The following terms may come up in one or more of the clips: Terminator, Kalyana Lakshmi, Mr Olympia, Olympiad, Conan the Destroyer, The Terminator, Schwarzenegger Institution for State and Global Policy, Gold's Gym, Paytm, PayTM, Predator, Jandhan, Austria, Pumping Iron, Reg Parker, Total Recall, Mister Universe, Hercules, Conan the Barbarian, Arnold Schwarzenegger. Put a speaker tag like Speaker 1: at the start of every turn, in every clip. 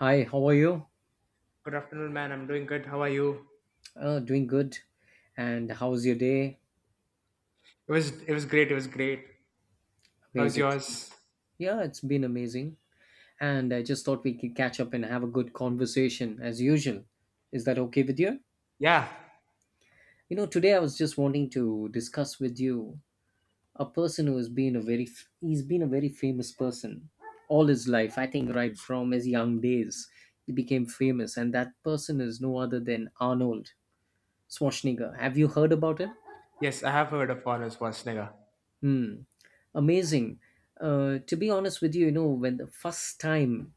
Speaker 1: Hi, how are you?
Speaker 2: Good afternoon, man. I'm doing good. How are you?
Speaker 1: Doing good. And how's your day?
Speaker 2: It was great. It was great. How's
Speaker 1: Amazing.
Speaker 2: yours?
Speaker 1: Yeah, it's been amazing. And I just thought we could catch up and have a good conversation as usual. Is that okay with you?
Speaker 2: Yeah.
Speaker 1: Today I was just wanting to discuss with you a person who has been he's been a very famous person all his life. I think right from his young days he became famous, and that person is no other than Arnold Schwarzenegger. Have you heard about him?
Speaker 2: Yes, I have heard of Arnold Schwarzenegger.
Speaker 1: Hmm. Amazing. To be honest with you, when the first time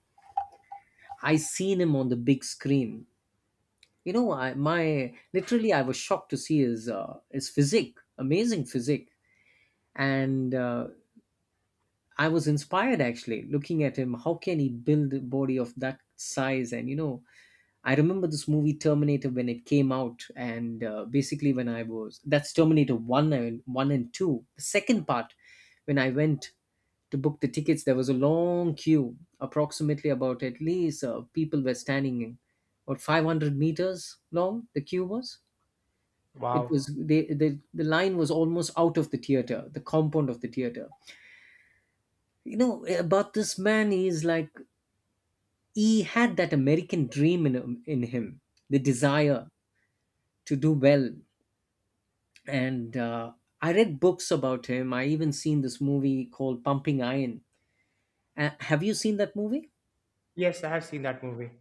Speaker 1: I seen him on the big screen, I my literally I was shocked to see his physique, amazing physique, and I was inspired actually looking at him. How can he build a body of that size? And I remember this movie Terminator when it came out, and basically when I was that's Terminator one and two, the second part when I went to book the tickets. There was a long queue approximately, about at least, people were standing in about 500 meters long the queue was. It
Speaker 2: Wow.
Speaker 1: was the line was almost out of the theater, the compound of the theater. You know, about this man is like he had that American dream in him, the desire to do well. And I read books about him. I even seen this movie called Pumping Iron. Have you seen that movie?
Speaker 2: Yes, I have seen that movie.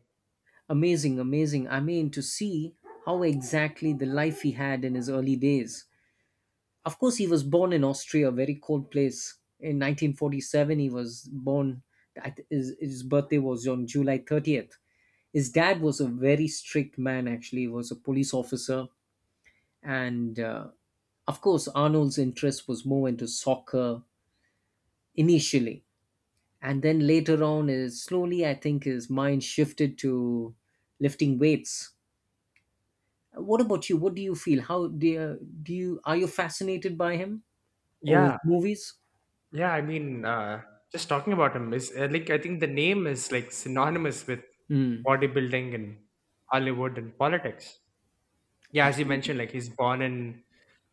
Speaker 1: Amazing, amazing. I mean, to see how exactly the life he had in his early days. Of course, he was born in Austria, a very cold place. In 1947, he was born. His birthday was on July 30th. His dad was a very strict man, actually, he was a police officer. And of course, Arnold's interest was more into soccer initially. And then later on, is slowly, I think his mind shifted to lifting weights. What about you? What do you feel? How do you are you fascinated by him or his
Speaker 2: Yeah.
Speaker 1: movies?
Speaker 2: Yeah. I mean, uh, just talking about him is like, I think the name is like synonymous with
Speaker 1: Mm,
Speaker 2: bodybuilding and Hollywood and politics. Yeah, as you
Speaker 1: absolutely.
Speaker 2: mentioned, like he's born in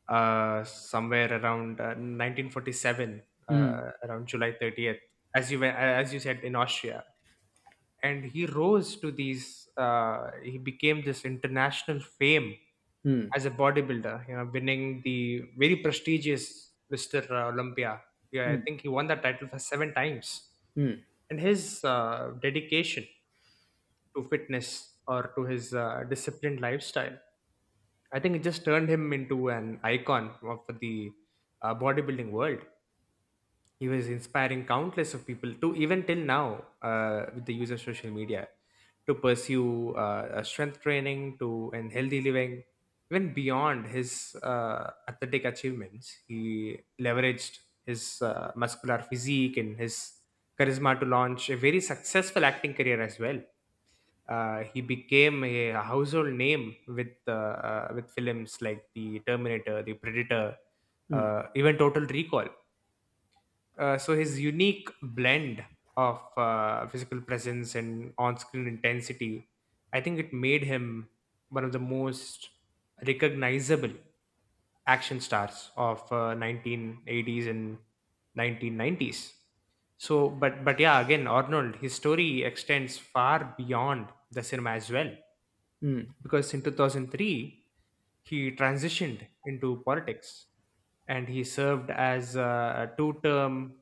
Speaker 2: somewhere around 1947,
Speaker 1: Mm,
Speaker 2: uh, around July 30th, as you were, as you said, in Austria. And he rose to these he became this international fame
Speaker 1: mm,
Speaker 2: as a bodybuilder, you know, winning the very prestigious Mr. Olympia. Yeah, I
Speaker 1: mm,
Speaker 2: think he won that title for seven times.
Speaker 1: mm,
Speaker 2: And his dedication to fitness or to his disciplined lifestyle, I think it just turned him into an icon of the bodybuilding world. He was inspiring countless of people to, even till now, with the use of social media, to pursue strength training to, and healthy living. Even beyond his athletic achievements, he leveraged his muscular physique and his charisma to launch a very successful acting career as well. He became a household name with films like The Terminator, The Predator,
Speaker 1: mm,
Speaker 2: even Total Recall. So his unique blend of physical presence and on-screen intensity, I think it made him one of the most recognizable action stars of 1980s and 1990s. So, but yeah, again, Arnold, his story extends far beyond the cinema as well,
Speaker 1: mm,
Speaker 2: because in 2003 he transitioned into politics and he served as a two term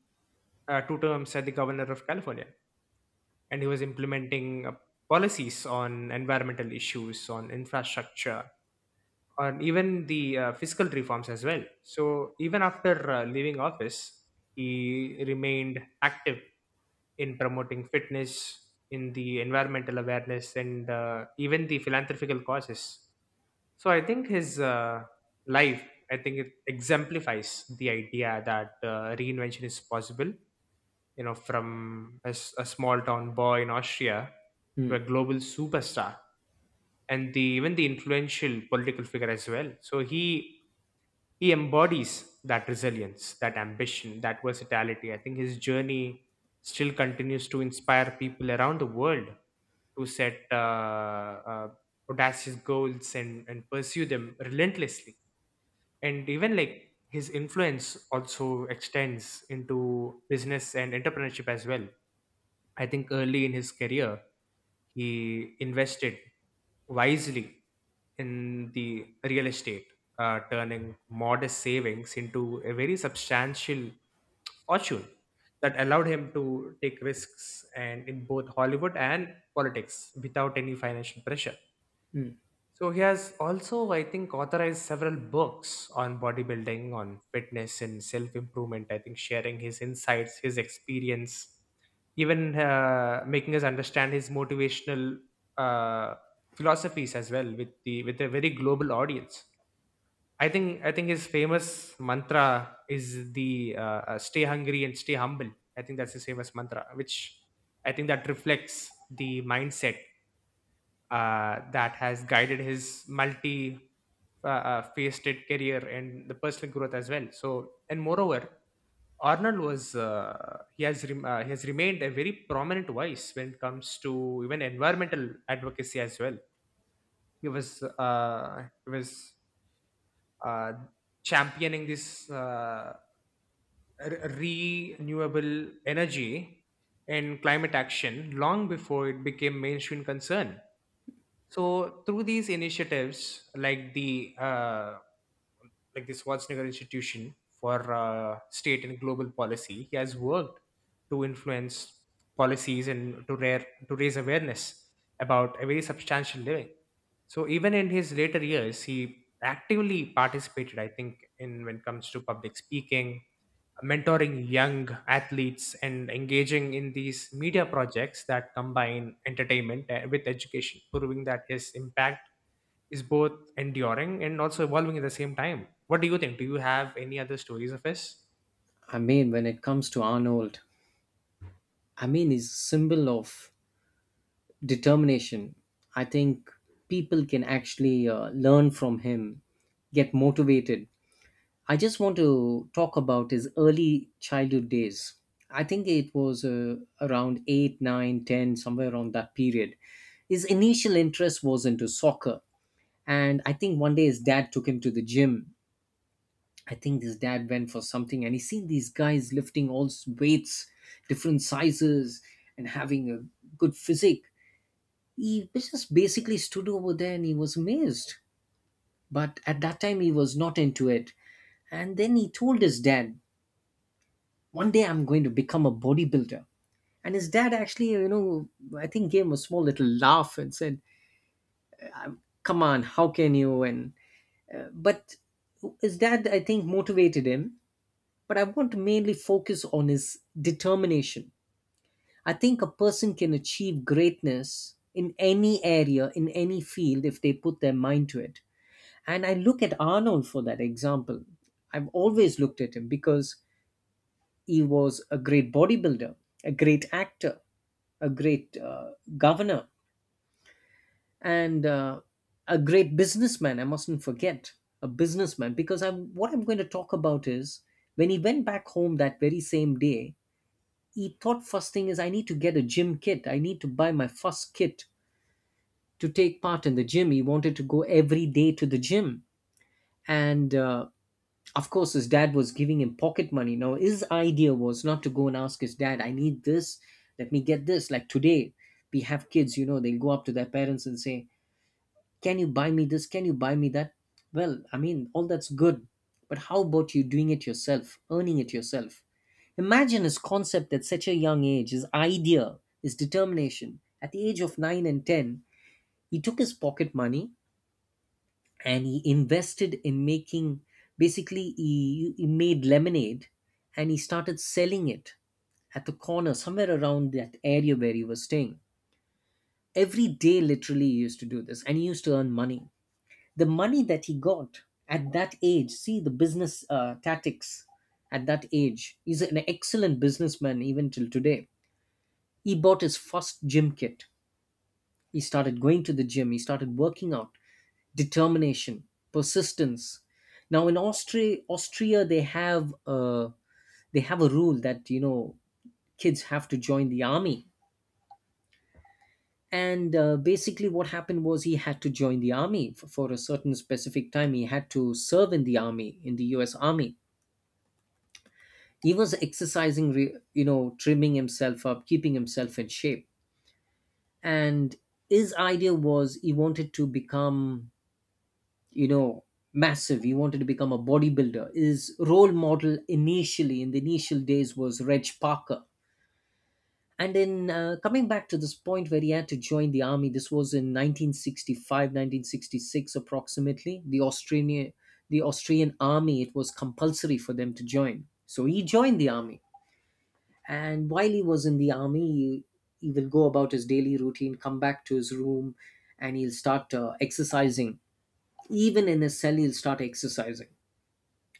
Speaker 2: two terms as the governor of California, and he was implementing policies on environmental issues, on infrastructure, on even the fiscal reforms as well. So even after leaving office, he remained active in promoting fitness, in the environmental awareness, and even the philanthropical causes. So I think his life, I think it exemplifies the idea that reinvention is possible. You know, from a small town boy in Austria to a
Speaker 1: mm,
Speaker 2: global superstar, and the even the influential political figure as well. So he embodies that resilience, that ambition, that versatility. I think his journey still continues to inspire people around the world to set uh, audacious goals and pursue them relentlessly. And even like his influence also extends into business and entrepreneurship as well. I think early in his career, he invested wisely in the real estate, turning modest savings into a very substantial fortune that allowed him to take risks and in both Hollywood and politics without any financial pressure.
Speaker 1: mm.
Speaker 2: So he has also, I think, authorized several books on bodybuilding, on fitness and self improvement. I think sharing his insights, his experience, even making us understand his motivational uh, philosophies as well, with a very global audience. I think his famous mantra is the "Stay hungry and stay humble." I think that's his famous mantra, which I think that reflects the mindset that has guided his multi faceted career and the personal growth as well. So, and moreover, Arnold was he has remained a very prominent voice when it comes to even environmental advocacy as well. He was uh, championing this renewable energy and climate action long before it became mainstream concern. So through these initiatives, like the Schwarzenegger Institution for State and Global Policy, he has worked to influence policies and to raise awareness about a very substantial living. So even in his later years, he actively participated. I think in when it comes to public speaking, mentoring young athletes and engaging in these media projects that combine entertainment with education, proving that his impact is both enduring and also evolving at the same time. What do you think? Do you have any other stories of his?
Speaker 1: I mean, when it comes to Arnold, I mean, he's a symbol of determination. I think people can actually learn from him, get motivated. I just want to talk about his early childhood days. I think it was around eight, 9, 10, somewhere around that period. His initial interest was into soccer. And I think one day his dad took him to the gym. I think his dad went for something and he seen these guys lifting weights, different sizes, and having a good physique. He just basically stood over there and he was amazed. But at that time, he was not into it. And then he told his dad, one day I'm going to become a bodybuilder. And his dad actually, I think gave him a small little laugh and said, come on, how can you? And but his dad, I think, motivated him. But I want to mainly focus on his determination. I think a person can achieve greatness in any area, in any field, if they put their mind to it. And I look at Arnold for that example. I've always looked at him because he was a great bodybuilder, a great actor, a great governor, and a great businessman. I mustn't forget a businessman, because I'm what I'm going to talk about is when he went back home that very same day. He thought, first thing is I need to get a gym kit. I need to buy my first kit to take part in the gym. He wanted to go every day to the gym, and of course his dad was giving him pocket money. Now his idea was not to go and ask his dad, I need this, let me get this. Like today, we have kids, they'll go up to their parents and say, can you buy me this, can you buy me that? Well, I mean, all that's good, but how about you doing it yourself, earning it yourself? Imagine his concept at such a young age, his idea, his determination at the age of 9 and 10. He took his pocket money and he invested in making, basically he made lemonade, and he started selling it at the corner, somewhere around that area where he was staying. Every day literally he used to do this, and he used to earn money. The money that he got at that age, see the business tactics at that age, he's an excellent businessman even till today. He bought his first gym kit. He started going to the gym. He started working out. Determination, persistence. Now in Austria, they have a rule that kids have to join the army. And basically, what happened was he had to join the army for, a certain specific time. He had to serve in the army, in the U.S. Army. He was exercising, trimming himself up, keeping himself in shape. And his idea was he wanted to become, you know massive. He wanted to become a bodybuilder. His role model initially in the initial days was Reg Parker. And then coming back to this point where he had to join the army, this was in 1965, 1966, approximately. The australian the Austrian army, it was compulsory for them to join, so he joined the army. And while he was in the army, he will go about his daily routine, come back to his room, and he'll start exercising. Even in his cell he'll start exercising,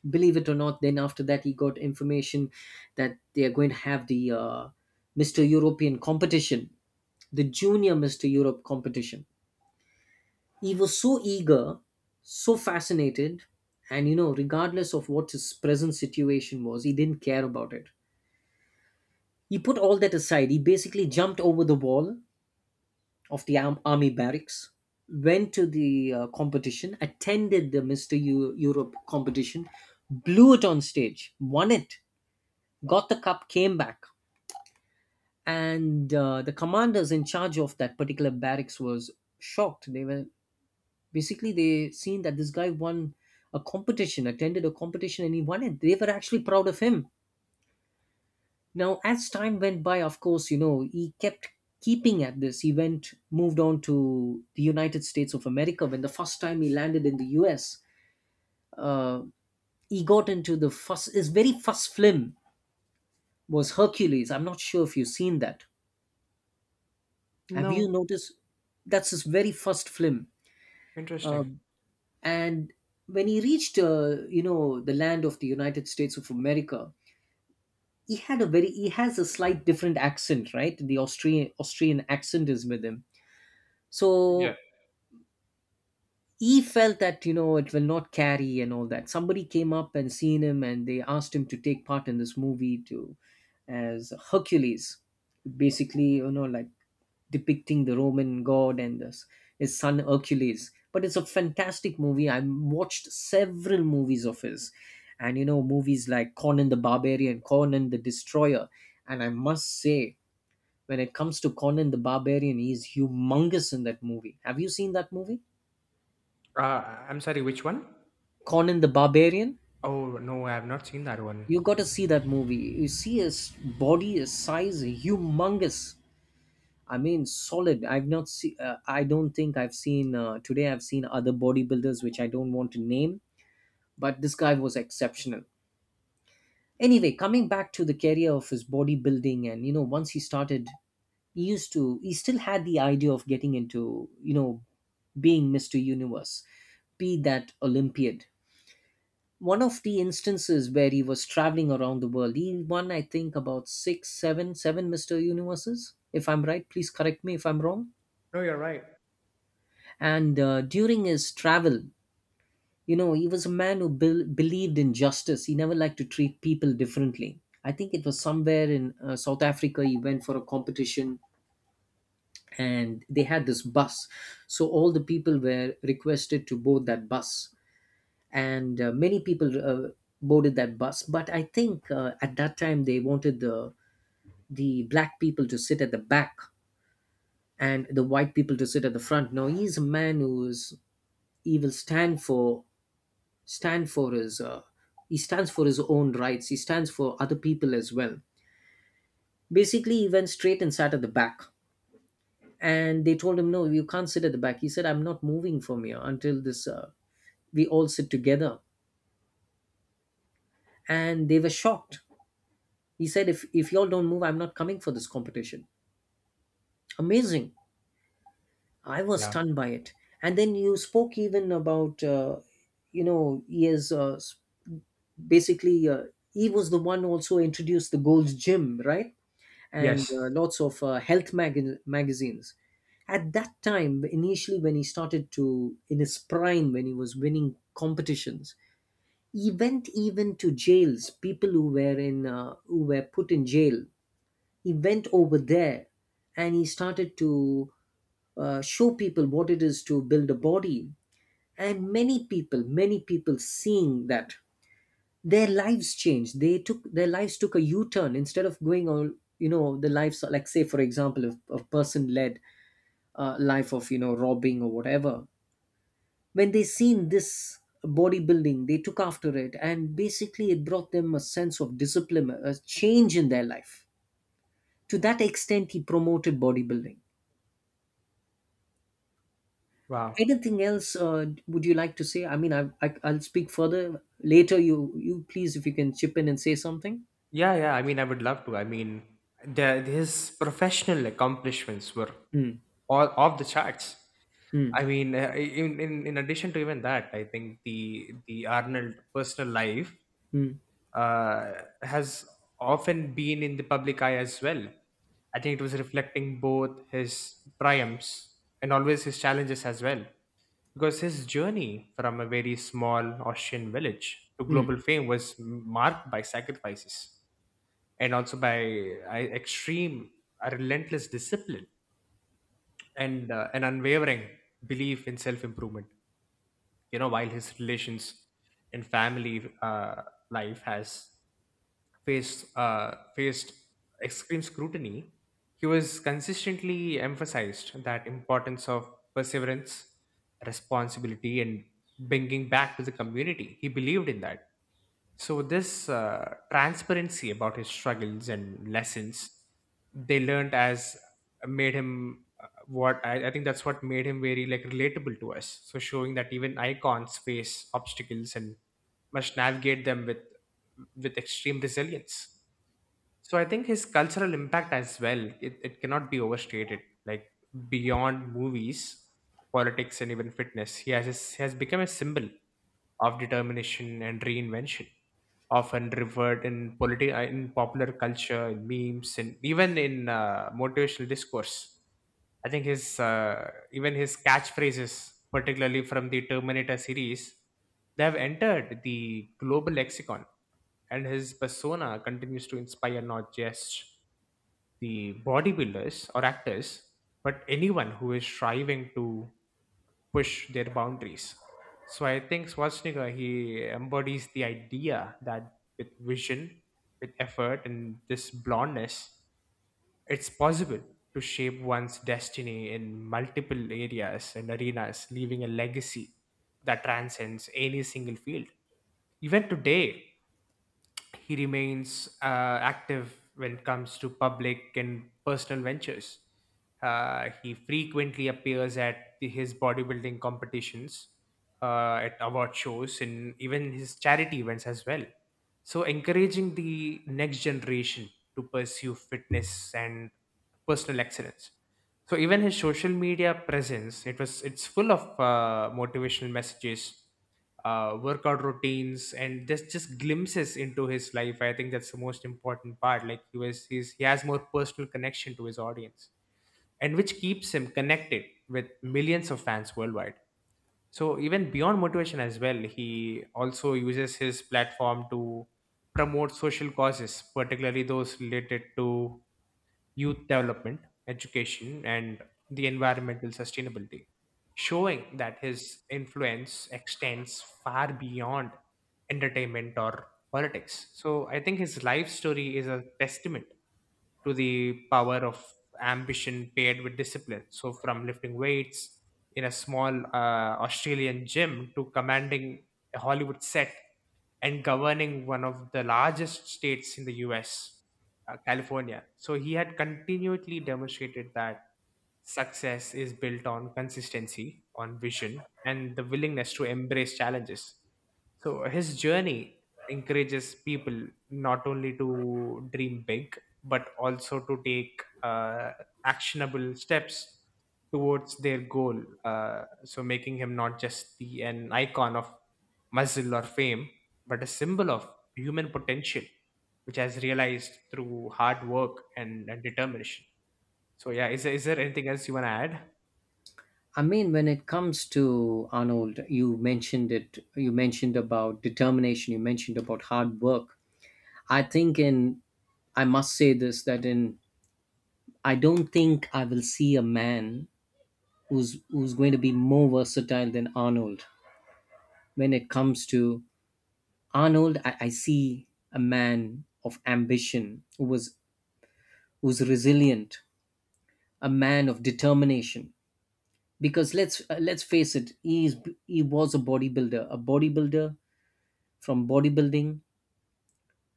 Speaker 1: believe it or not. Then after that he got information that they are going to have the Mr. European competition, the junior Mr. Europe competition. He was so eager, so fascinated, and regardless of what his present situation was, he didn't care about it. He put all that aside. He basically jumped over the wall of the army barracks, went to the competition, attended the Mr. Europe competition, blew it on stage, won it, got the cup, came back, and the commanders in charge of that particular barracks was shocked. They were basically, they seen that this guy won a competition, attended a competition, and he won it. They were actually proud of him. Now, as time went by, of course, he kept keeping at this. He went moved on to the United States of America. When the first time he landed in the U.S., Uh, he got into the first his very first film was Hercules. I'm not sure if you've seen that. Have you
Speaker 2: No.
Speaker 1: noticed? That's his very first film, uh,
Speaker 2: Interesting.
Speaker 1: and when he reached, the land of the United States of America, he has a slight different accent, right? The Austrian accent is with him, so he felt that it will not carry and all that. Somebody came up and seen him, and they asked him to take part in this movie to as Hercules, basically, like depicting the Roman god and this, his son Hercules. But it's a fantastic movie. I watched several movies of his, and movies like Conan the Barbarian, Conan the Destroyer. And I must say, when it comes to Conan the Barbarian, he is humongous in that movie. Have you seen that movie?
Speaker 2: I'm sorry, which one?
Speaker 1: Conan the Barbarian?
Speaker 2: Oh, no, I have not seen that one.
Speaker 1: You got to see that movie. You see his body, his size, humongous. I mean, solid. I've not seen. I don't think I've seen today. I've seen other bodybuilders which I don't want to name, but this guy was exceptional. Anyway, coming back to the career of his bodybuilding, and once he started, he used to. He still had the idea of getting into, being Mister Universe, be that Olympiad. One of the instances where he was traveling around the world, he won, I think, about six, seven Mister Universes. If I'm right, please correct me if I'm wrong,
Speaker 2: No, you're right.
Speaker 1: and during his travel, you know, he was a man who believed in justice. He never liked to treat people differently. I think it was somewhere in South Africa. He went for a competition, and they had this bus, so all the people were requested to board that bus. And many people, uh, boarded that bus. But I think at that time they wanted the black people to sit at the back and the white people to sit at the front. Now, he's a man who is, he will stand for his he stands for his own rights, he stands for other people as well. Basically, he went straight and sat at the back, and they told him, no, you can't sit at the back. He said, I'm not moving from here until this we all sit together. And they were shocked. He said, if y'all don't move, I'm not coming for this competition. Amazing. I was
Speaker 2: Yeah.
Speaker 1: stunned by it. And then you spoke even about you know, he is basically he was the one also introduced the Gold's Gym, right? And
Speaker 2: Yes.
Speaker 1: lots of health magazines. At that time, initially when he started to, in his prime, when he was winning competitions, he went even to jails. People who were who were put in jail, he went over there, and he started to show people what it is to build a body. And many people seeing that, their lives changed. They took their lives, took a u-turn. Instead of going on, you know, the lives, like, say for example, if a person led a person-led life of, you know, robbing or whatever, when they seen this bodybuilding, they took after it, and basically it brought them a sense of discipline, a change in their life. To that extent, he promoted bodybuilding.
Speaker 2: Wow.
Speaker 1: Anything else, would you like to say? I mean, I'll speak further later. You please, if you can chip in and say something.
Speaker 2: Yeah, yeah. I mean, I would love to. I mean, the, his professional accomplishments were
Speaker 1: Hmm.
Speaker 2: all off the charts.
Speaker 1: Hmm.
Speaker 2: I mean, in addition to even that, I think the Arnold personal life
Speaker 1: Hmm.
Speaker 2: has often been in the public eye as well. I think it was reflecting both his triumphs and always his challenges as well. Because his journey from a very small Austrian village to
Speaker 1: Hmm.
Speaker 2: global fame was marked by sacrifices and also by uh, extreme, a relentless discipline and an unwavering belief in self improvement. You know, while his relations and family life has faced extreme scrutiny, he was consistently emphasized that importance of perseverance, responsibility, and bringing back to the community. He believed in that. So this transparency about his struggles and lessons they learned as made him I think that's what made him very like relatable to us, so showing that even icons face obstacles and must navigate them with extreme resilience. So I think his cultural impact as well, it cannot be overstated. Like beyond movies, politics and even fitness, he has become a symbol of determination and reinvention, often revered in in popular culture, in memes, and even in motivational discourse. I think his even his catchphrases, particularly from the Terminator series, they have entered the global lexicon and his persona continues to inspire not just the bodybuilders or actors, but anyone who is striving to push their boundaries. So I think Schwarzenegger he embodies the idea that with vision, with effort, and this blondness, it's possible to shape one's destiny in multiple areas and arenas, leaving a legacy that transcends any single field. Even today, he remains active when it comes to public and personal ventures. He frequently appears at his bodybuilding competitions, at award shows, and even his charity events as well. So, encouraging the next generation to pursue fitness and personal excellence. So even his social media presence, it's full of motivational messages, workout routines, and just glimpses into his life. I think that's the most important part. Like he has more personal connection to his audience, and which keeps him connected with millions of fans worldwide. So even beyond motivation as well, he also uses his platform to promote social causes, particularly those related to youth development, education, and the environmental sustainability, showing that his influence extends far beyond entertainment or politics. So I think his life story is a testament to the power of ambition paired with discipline. So from lifting weights in a small Australian gym to commanding a Hollywood set and governing one of the largest states in the US, California. So he had continually demonstrated that success is built on consistency, on vision, and the willingness to embrace challenges. So his journey encourages people not only to dream big, but also to take actionable steps towards their goal. So making him not just the an icon of muscle or fame, but a symbol of human potential, which has realized through hard work and determination. So yeah, is there anything else you want to add?
Speaker 1: I mean, when it comes to Arnold, you mentioned it, you mentioned about determination, you mentioned about hard work. I think, in, I must say this, that in, I don't think I will see a man who's going to be more versatile than Arnold. When it comes to Arnold, I see a man of ambition who was, who's resilient, a man of determination. Because let's face it, he was a bodybuilder, a bodybuilder. From bodybuilding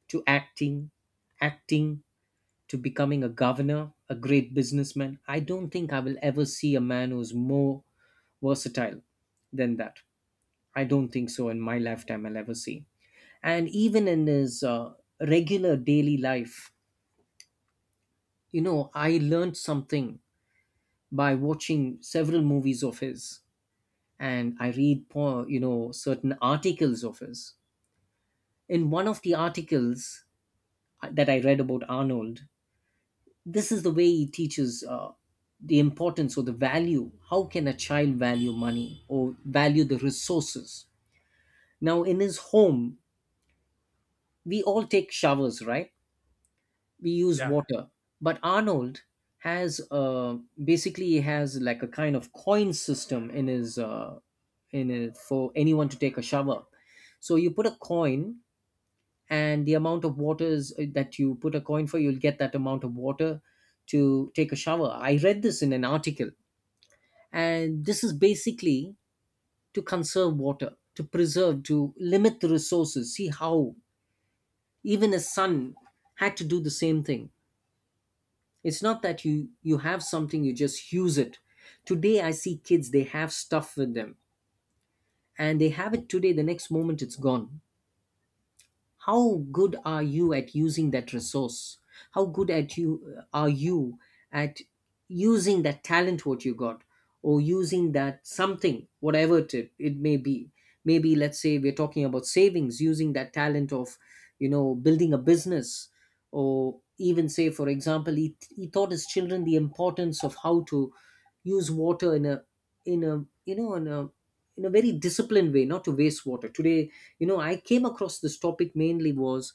Speaker 1: to acting, acting to becoming a governor, a great businessman. I don't think I will ever see a man who's more versatile than that. I don't think so in my lifetime I'll ever see. And even in his regular daily life, you know, I learned something by watching several movies of his, and I read, you know, certain articles of his. In one of the articles that I read about Arnold, this is the way he teaches the importance, or the value, how can a child value money or value the resources. Now, in his home, we all take showers, right? We use
Speaker 2: Yeah,
Speaker 1: water, but Arnold has basically, he has like a kind of coin system in his in it. For anyone to take a shower, so you put a coin, and the amount of water is, that you put a coin for, you'll get that amount of water to take a shower. I read this in an article, and this is basically to conserve water, to preserve, to limit the resources. See how even a sun had to do the same thing. It's not that you have something, you just use it. Today, I see kids, they have stuff with them, and they have it today, the next moment it's gone. How good are you at using that resource? How good at you, are you at using that talent, what you got? Or using that something, whatever it may be. Maybe, let's say, we're talking about savings, using that talent of, you know, building a business. Or even, say, for example, he taught his children the importance of how to use water in a you know in a very disciplined way. Not to waste water today, you know. I came across this topic mainly was,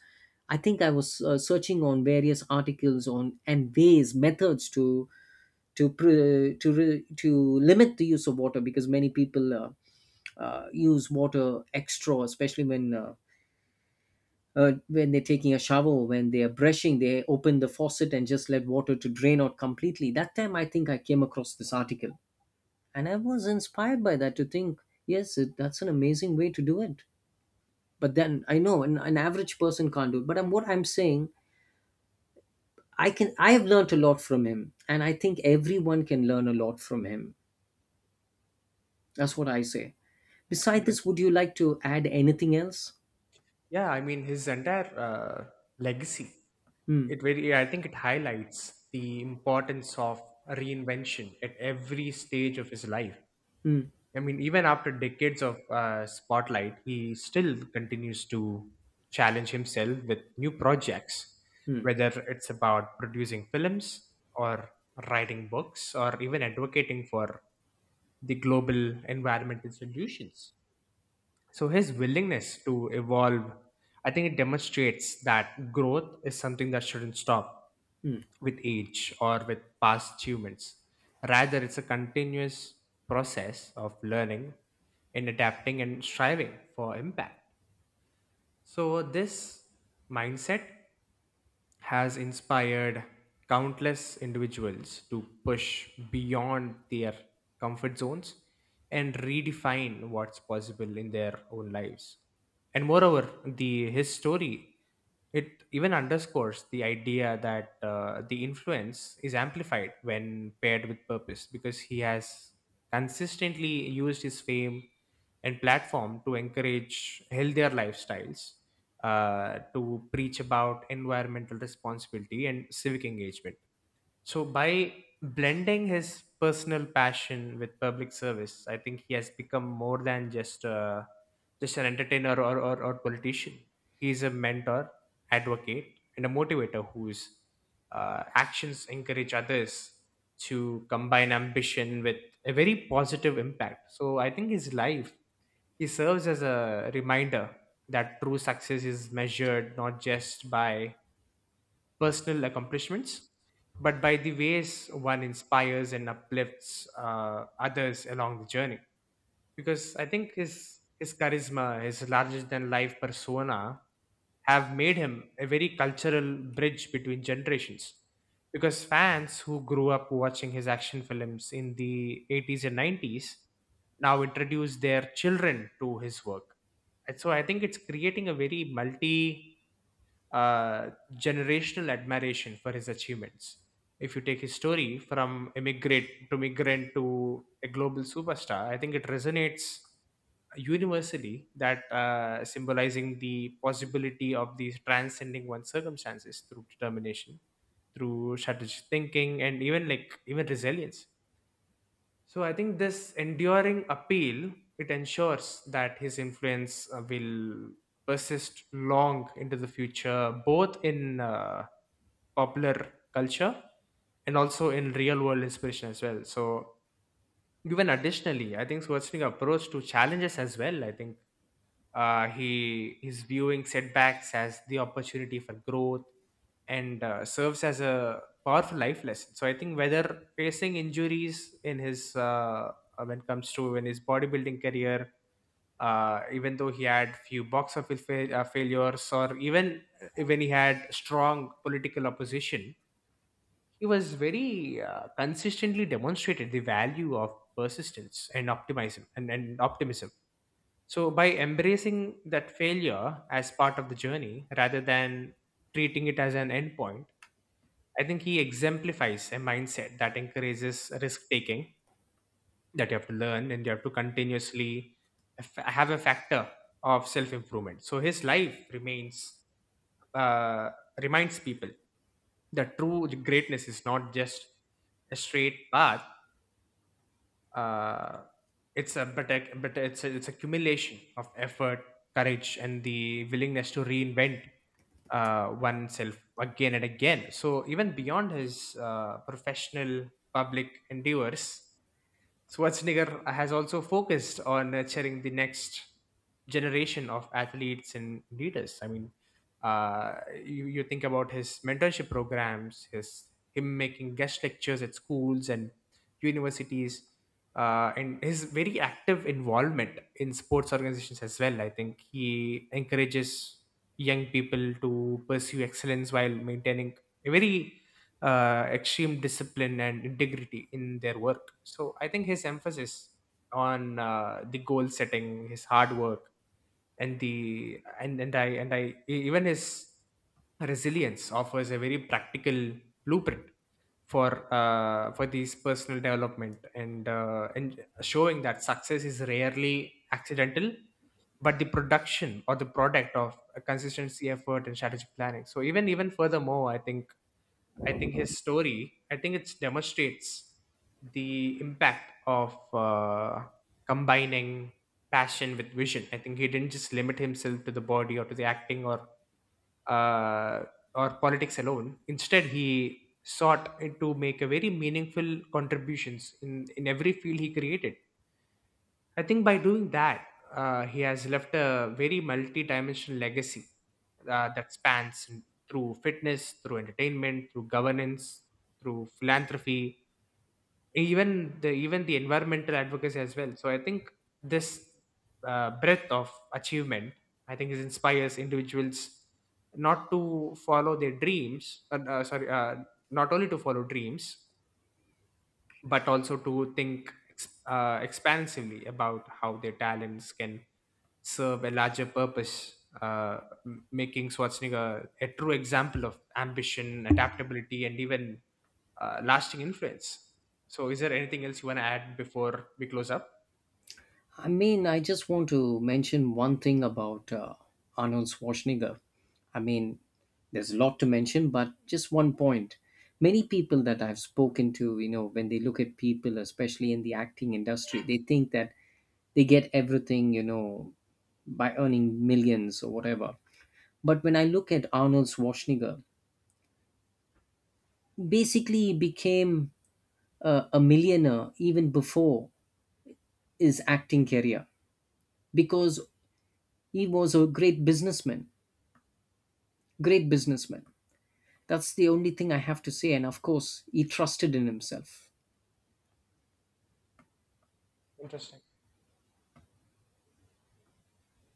Speaker 1: I think I was searching on various articles on and ways, methods to pre, to re, to limit the use of water. Because many people use water extra, especially when they're taking a shower, when they are brushing, they open the faucet and just let water to drain out completely. That time, I think I came across this article, and I was inspired by that to think, yes, that's an amazing way to do it. But then I know an average person can't do it, but what I'm saying, I can, I have learned a lot from him, and I think everyone can learn a lot from him. That's what I say. Besides
Speaker 2: interest.
Speaker 1: this, would you like to add anything else?
Speaker 2: Yeah, I mean, his entire legacy,
Speaker 1: Hmm.
Speaker 2: it very I think it highlights the importance of reinvention at every stage of his life.
Speaker 1: Hmm.
Speaker 2: I mean, even after decades of spotlight, he still continues to challenge himself with new projects,
Speaker 1: Hmm.
Speaker 2: whether it's about producing films, or writing books, or even advocating for the global environmental solutions. So his willingness to evolve, I think it demonstrates that growth is something that shouldn't stop
Speaker 1: Hmm.
Speaker 2: with age or with past achievements. Rather, it's a continuous process of learning and adapting and striving for impact. So this mindset has inspired countless individuals to push beyond their comfort zones and redefine what's possible in their own lives. And moreover, the his story, it even underscores the idea that the influence is amplified when paired with purpose, because he has consistently used his fame and platform to encourage healthier lifestyles, to preach about environmental responsibility and civic engagement. So by blending his personal passion with public service, I think he has become more than just an entertainer, or politician. He is a mentor, advocate, and a motivator whose actions encourage others to combine ambition with a very positive impact. So I think his life, he serves as a reminder that true success is measured not just by personal accomplishments, but by the ways one inspires and uplifts others along the journey. Because I think his charisma, his larger than life persona, have made him a very cultural bridge between generations. Because fans who grew up watching his action films in the 80s and 90s now introduce their children to his work. And so I think it's creating a very multi uh, generational admiration for his achievements. If you take his story from immigrant to migrant to a global superstar, I think it resonates universally, that symbolizing the possibility of these transcending one's circumstances through determination, through strategic thinking, and even like even resilience. So I think this enduring appeal, it ensures that his influence will persist long into the future, both in popular culture and also in real world inspiration as well. So even additionally, I think Schwarzenegger's approach to challenges as well. I think he is viewing setbacks as the opportunity for growth and serves as a powerful life lesson. So I think whether facing injuries in his when it comes to in his bodybuilding career, even though he had few box office failures, or even when he had strong political opposition, he was very consistently demonstrated the value of persistence and optimism and optimism. So, by embracing that failure as part of the journey rather than treating it as an endpoint, I think he exemplifies a mindset that encourages risk taking, that you have to learn and you have to continuously have a factor of self improvement. So, his life remains, uh, reminds people that true greatness is not just a straight path. uh, it's a- but it's a, it's accumulation of effort, courage, and the willingness to reinvent oneself again and again. So even beyond his professional public endeavors, Schwarzenegger has also focused on nurturing the next generation of athletes and leaders. I mean, you think about his mentorship programs, his him making guest lectures at schools and universities, and his very active involvement in sports organizations as well. I think he encourages young people to pursue excellence while maintaining a very extreme discipline and integrity in their work. So I think his emphasis on the goal setting, his hard work, and the and I e- even his resilience offers a very practical blueprint for these personal development and showing that success is rarely accidental, but the production or the product of a consistency effort and strategic planning. So even furthermore, I think his story, I think it demonstrates the impact of combining passion with vision. I think he didn't just limit himself to the body or to the acting uh, or politics alone. Instead, he sought to make a very meaningful contributions in every field he created. I think by doing that, he has left a very multi-dimensional legacy that spans through fitness, through entertainment, through governance, through philanthropy, even the environmental advocacy as well. So I think this breadth of achievement, I think, is inspires individuals not to follow their dreams. Sorry, not only to follow dreams, but also to think expansively about how their talents can serve a larger purpose, uh, making Schwarzenegger a true example of ambition, adaptability, and even lasting influence. So, is there anything else you want to add before we close up?
Speaker 1: I mean, I just want to mention one thing about Arnold Schwarzenegger. I mean, there's a lot to mention, but just one point. Many people that I've spoken to, you know, when they look at people, especially in the acting industry, they think that they get everything, you know, by earning millions or whatever. But when I look at Arnold Schwarzenegger, basically became a millionaire even before his acting career. Because he was a great businessman, great businessman. That's the only thing I have to say. And of course, he trusted in himself.
Speaker 2: Interesting.